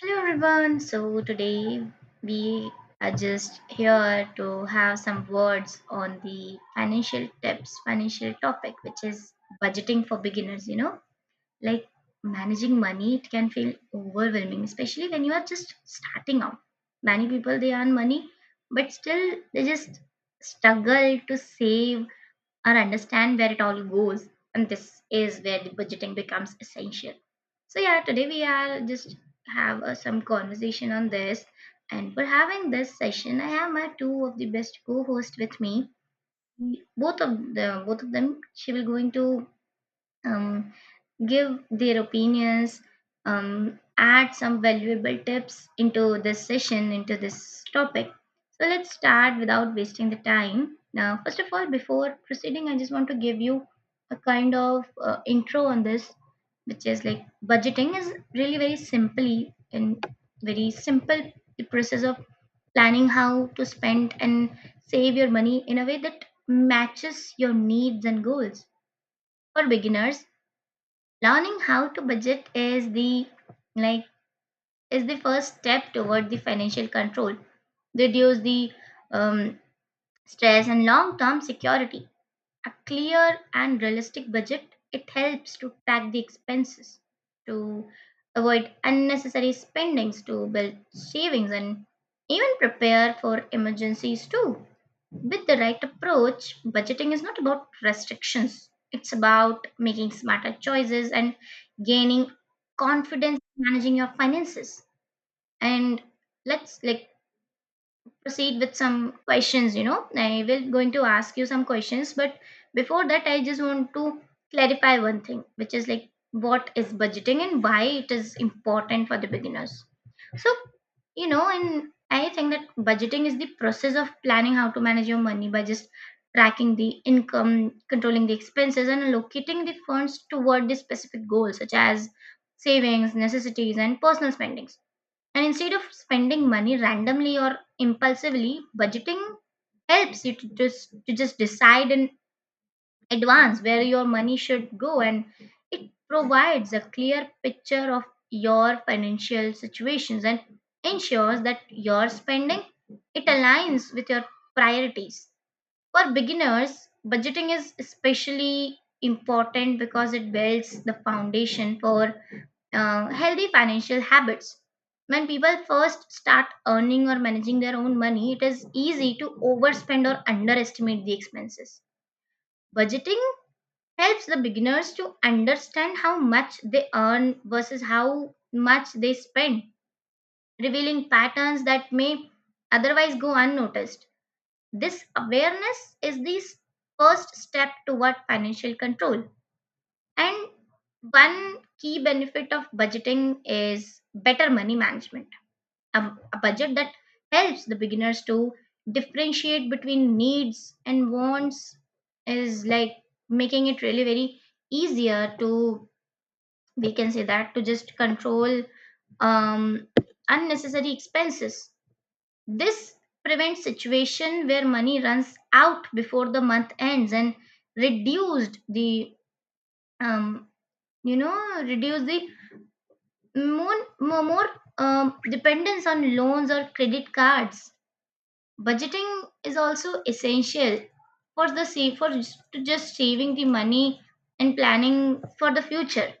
Hello everyone. So today we are just here to have some words on the financial tips, financial topic, which is budgeting for beginners. You know, like managing money, it can feel overwhelming, especially when you are just starting out. Many people they earn money, but still they just struggle to save or understand where it all goes. And this is where the budgeting becomes essential. So yeah, today we are just have some conversation on this. And for having this session, I have my two of the best co-hosts with me. Both of them, she will going to um, give their opinions, add some valuable tips into this session, into this topic. So let's start without wasting the time. Now, first of all, before proceeding, I just want to give you a kind of intro on this, which is like budgeting is really very simply and very simple the process of planning how to spend and save your money in a way that matches your needs and goals. For beginners, learning how to budget is the like is the first step toward the financial control, reduce the um, stress and long-term security. A clear and realistic budget it helps to track the expenses, to avoid unnecessary spendings, to build savings, and even prepare for emergencies too. With the right approach, budgeting is not about restrictions. It's about making smarter choices and gaining confidence in managing your finances. And let's like proceed with some questions, you know. I will going to ask you some questions, but before that I just want to clarify one thing, which is like what is budgeting and why it is important for the beginners. So, you know, and I think that budgeting is the process of planning how to manage your money by just tracking the income, controlling the expenses, and allocating the funds toward the specific goals such as savings, necessities, and personal spending. And instead of spending money randomly or impulsively, budgeting helps you to just decide in advance where your money should go and it provides a clear picture of your financial situations and ensures that your spending it aligns with your priorities. For beginners, budgeting is especially important because it builds the foundation for healthy financial habits. When people first start earning or managing their own money, it is easy to overspend or underestimate the expenses. Budgeting helps the beginners to understand how much they earn versus how much they spend, revealing patterns that may otherwise go unnoticed. This awareness is first step toward financial control. And one key benefit of budgeting is better money management, a, a budget that helps the beginners to differentiate between needs and wants is like making it really very easier to, we can say that, to just control um, unnecessary expenses. This prevents situation where money runs out before the month ends and reduced the, um, you know reduce the more dependence on loans or credit cards. Budgeting is also essential for the save, to just saving the money and planning for the future.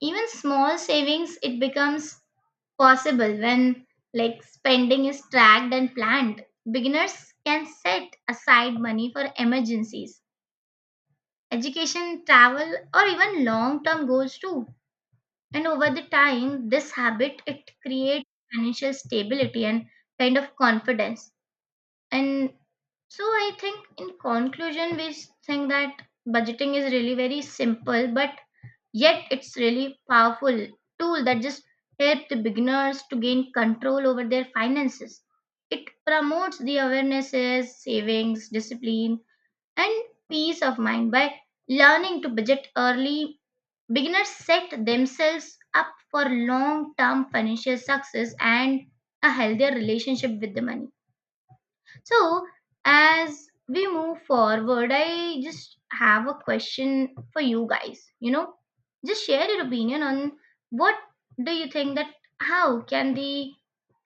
Even small savings it becomes possible when like spending is tracked and planned. Beginners can set aside money for emergencies, education, travel, or even long term goals too. And over the time this habit it creates financial stability and kind of confidence. And so I think in conclusion, think that budgeting is really very simple, but yet it's really powerful tool that just help the beginners to gain control over their finances. It promotes the awarenesses, savings, discipline, and peace of mind. By learning to budget early, beginners set themselves up for long-term financial success and a healthier relationship with the money. So, as we move forward, I just have a question for you guys. You know, just share your opinion on what do you think that how can the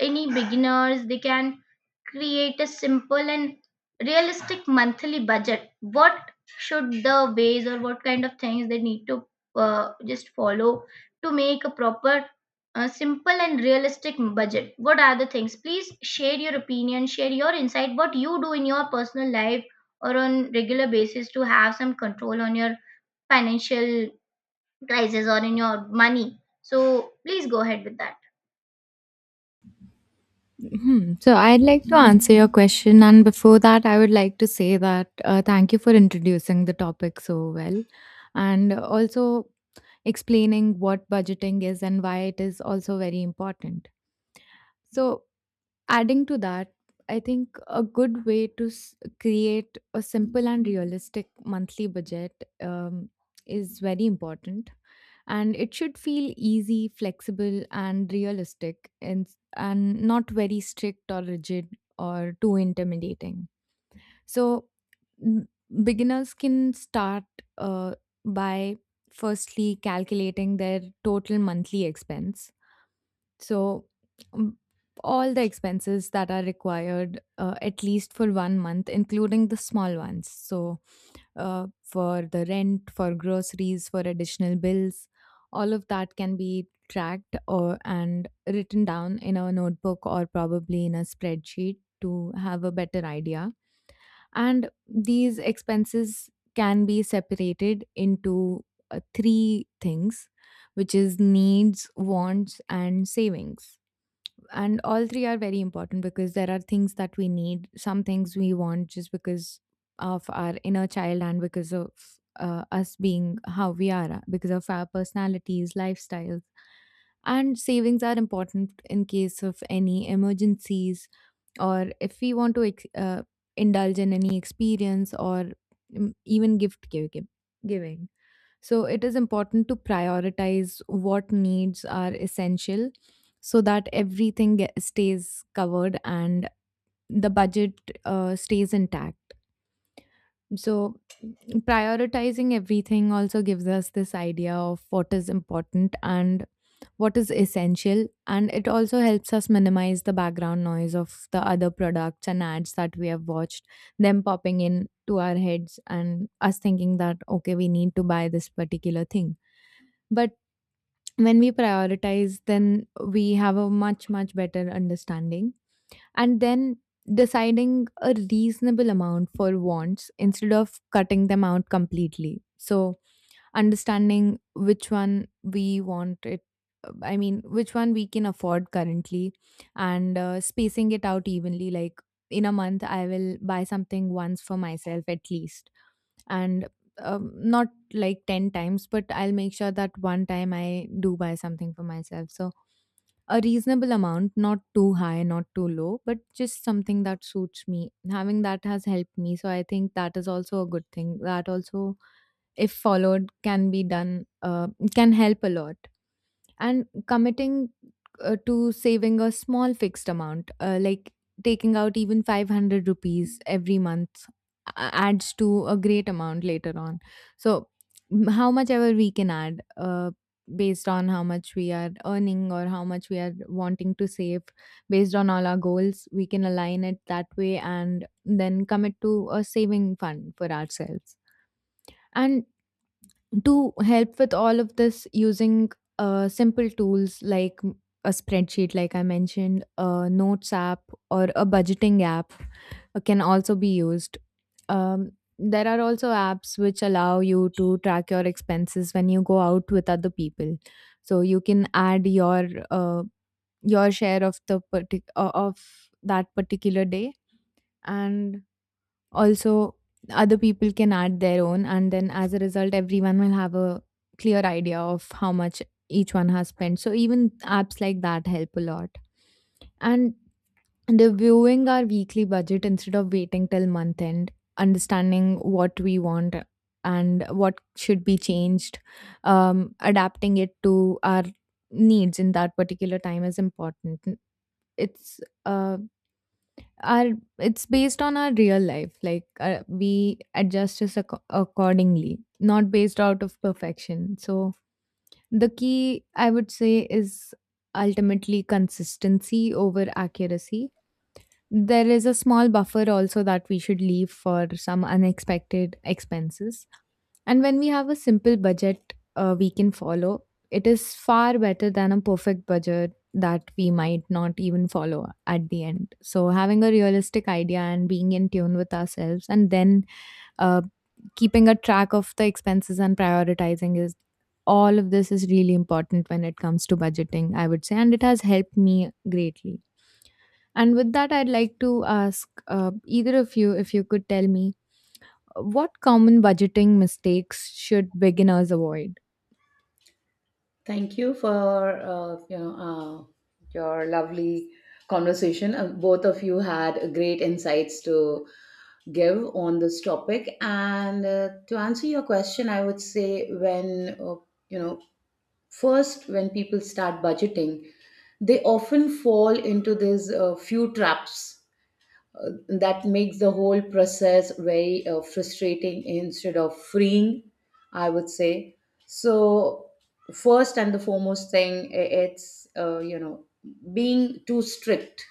any beginners they can create a simple and realistic monthly budget. What should the ways or what kind of things they need to just follow to make a proper simple and realistic budget. What are the things? Please share your opinion, share your insight, what you do in your personal life or on regular basis to have some control on your financial crisis or in your money. So please go ahead with that. Hmm. So I'd like to answer your question, and before that, I would like to say that thank you for introducing the topic so well, and also explaining what budgeting is and why it is also very important. So Adding to that, I think a good way to create a simple and realistic monthly budget um, is very important. And it should feel easy, flexible, and realistic, and not very strict or rigid or too intimidating. So, n- beginners can start uh, by firstly calculating their total monthly expense, so, um, all the expenses that are required, at least for one month, including the small ones. So, for the rent, for groceries, for additional bills, all of that can be tracked or and written down in a notebook or probably in a spreadsheet to have a better idea. And these expenses can be separated into three things, which is needs, wants, and savings, and all three are very important, because there are things that we need, some things we want just because of our inner child and because of us being how we are, because of our personalities, lifestyles. And savings are important in case of any emergencies, or if we want to indulge in any experience, or, even gift giving. So it is important to prioritize what needs are essential, so that everything stays covered and the budget stays intact. So prioritizing everything also gives us this idea of what is important and what is essential, and it also helps us minimize the background noise of the other products and ads that we have watched them popping in to our heads and us thinking that okay, we need to buy this particular thing. But when we prioritize, then we have a much, much better understanding. And then deciding a reasonable amount for wants instead of cutting them out completely. So, understanding which one we want it, I mean which one we can afford currently, and spacing it out evenly, like in a month I will buy something once for myself at least. And not like 10 times, but I'll make sure that one time I do buy something for myself. So a reasonable amount, not too high, not too low, but just something that suits me having that has helped me. So I think that is also a good thing that also, if followed, can be done, can help a lot. And committing to saving a small fixed amount, like taking out even 500 rupees every month adds to a great amount later on. So how much ever we can add, based on how much we are earning or how much we are wanting to save, based on all our goals, we can align it that way and then commit to a saving fund for ourselves. And to help with all of this, using simple tools like a spreadsheet, like I mentioned, a notes app or a budgeting app can also be used. um, there are also apps which allow you to track your expenses when you go out with other people, so you can add your share of the of that particular day. And also, other people can add their own, and then as a result, everyone will have a clear idea of how much each one has spent. So, even apps like that help a lot. And reviewing our weekly budget instead of waiting till month end, understanding what we want and what should be changed, adapting it to our needs in that particular time is important. It's uh, our, it's based on our real life, like we adjust us accordingly, not based out of perfection. So the key, I would say, is ultimately consistency over accuracy. There is a small buffer also that we should leave for some unexpected expenses. And when we have a simple budget we can follow, it is far better than a perfect budget that we might not even follow at the end. So, having a realistic idea and being in tune with ourselves, and then uh, keeping a track of the expenses and prioritizing is, all of this is really important when it comes to budgeting, I would say. And it has helped me greatly. And with that, I'd like to ask either of you if you could tell me what common budgeting mistakes should beginners avoid? Thank you for your lovely conversation. Both of you had great insights to give on this topic. And to answer your question, I would say when you know first when people start budgeting, they often fall into these few traps that makes the whole process very frustrating instead of freeing, I would say. So first and the foremost thing, it's being too strict,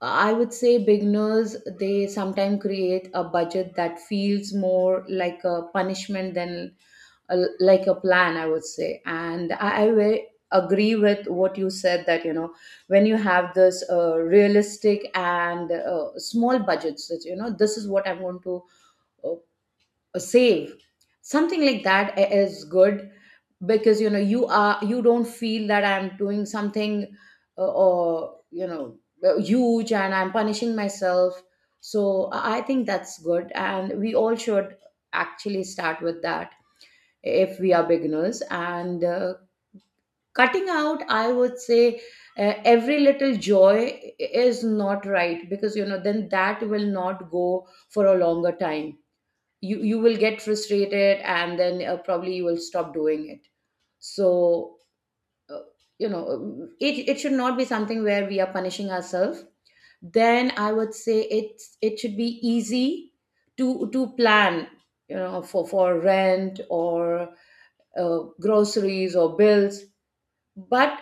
I would say. Beginners, they sometimes create a budget that feels more like a punishment than like a plan, I would say. And I very agree with what you said, that you know, when you have this realistic and small budgets that, you know, this is what I'm going to uh, save, something like that is good. Because you know, you are, you don't feel that I'm doing something or you know huge and I'm punishing myself. So I think that's good, and we all should actually start with that if we are beginners. And cutting out, I would say every little joy is not right, because you know, then that will not go for a longer time. You will get frustrated, and then probably you will stop doing it. So uh, you know, it should not be something where we are punishing ourselves. Then I would say it should be easy to plan, you know, for rent or groceries or bills. But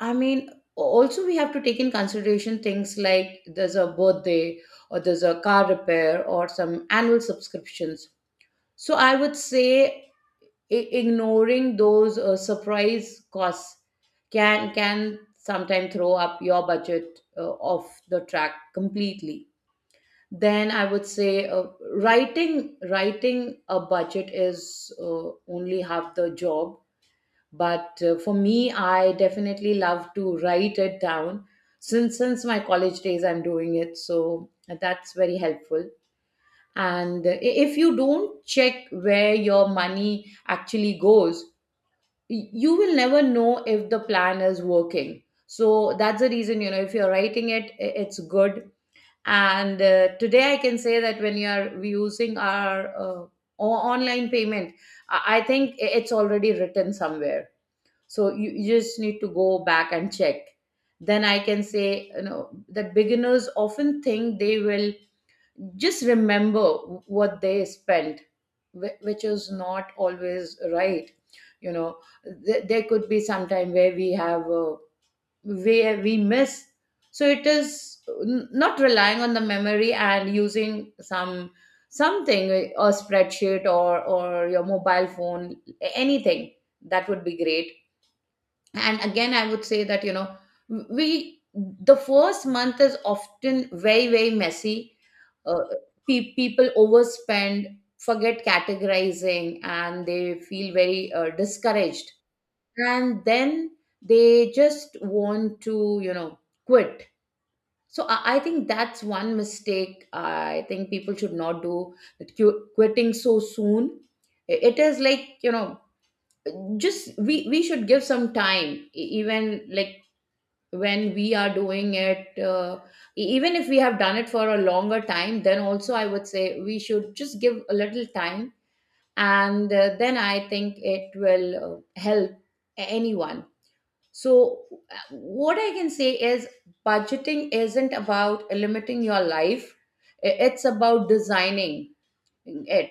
I mean, also we have to take in consideration things like there's a birthday, or there's a car repair, or some annual subscriptions. So I would say ignoring those surprise costs can sometimes throw up your budget off the track completely. Then I would say writing a budget is only half the job. But for me, I definitely love to write it down. Since my college days I'm doing it, so that's very helpful. And if you don't check where your money actually goes, you will never know if the plan is working. So that's the reason, you know, if you're writing it, it's good. And today I can say that when you're using our online payment, I think it's already written somewhere, so you just need to go back and check. Then I can say, you know, that beginners often think they will just remember what they spent, which is not always right, you know. There could be some time where we have where we miss. So it is not relying on the memory and using something, a spreadsheet or your mobile phone, anything, that would be great. And again I would say that, you know, we the first month is often very, very messy. uh, People overspend, forget categorizing, and they feel very discouraged, and then they just want to, you know, quit. So I think that's one mistake. I think people should not do that, quitting so soon. It is like, you know, just, we should give some time. Even like when we are doing it even if we have done it for a longer time, then also I would say we should just give a little time, and then I think it will help anyone. So what I can say is budgeting isn't about limiting your life, it's about designing it.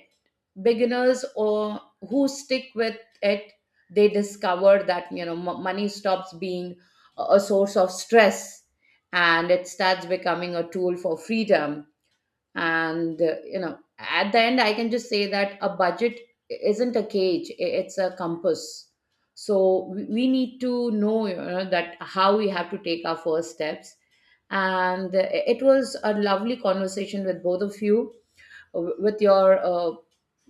Beginners or who stick with it, they discover that, you know, money stops being a source of stress, and it starts becoming a tool for freedom. And you know, at the end I can just say that a budget isn't a cage, it's a compass. So we need to know, you know, that how we have to take our first steps. And it was a lovely conversation with both of you, with your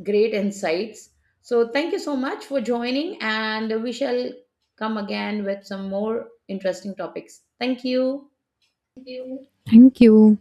great insights. So, thank you so much for joining, and we shall come again with some more interesting topics. Thank you. Thank you.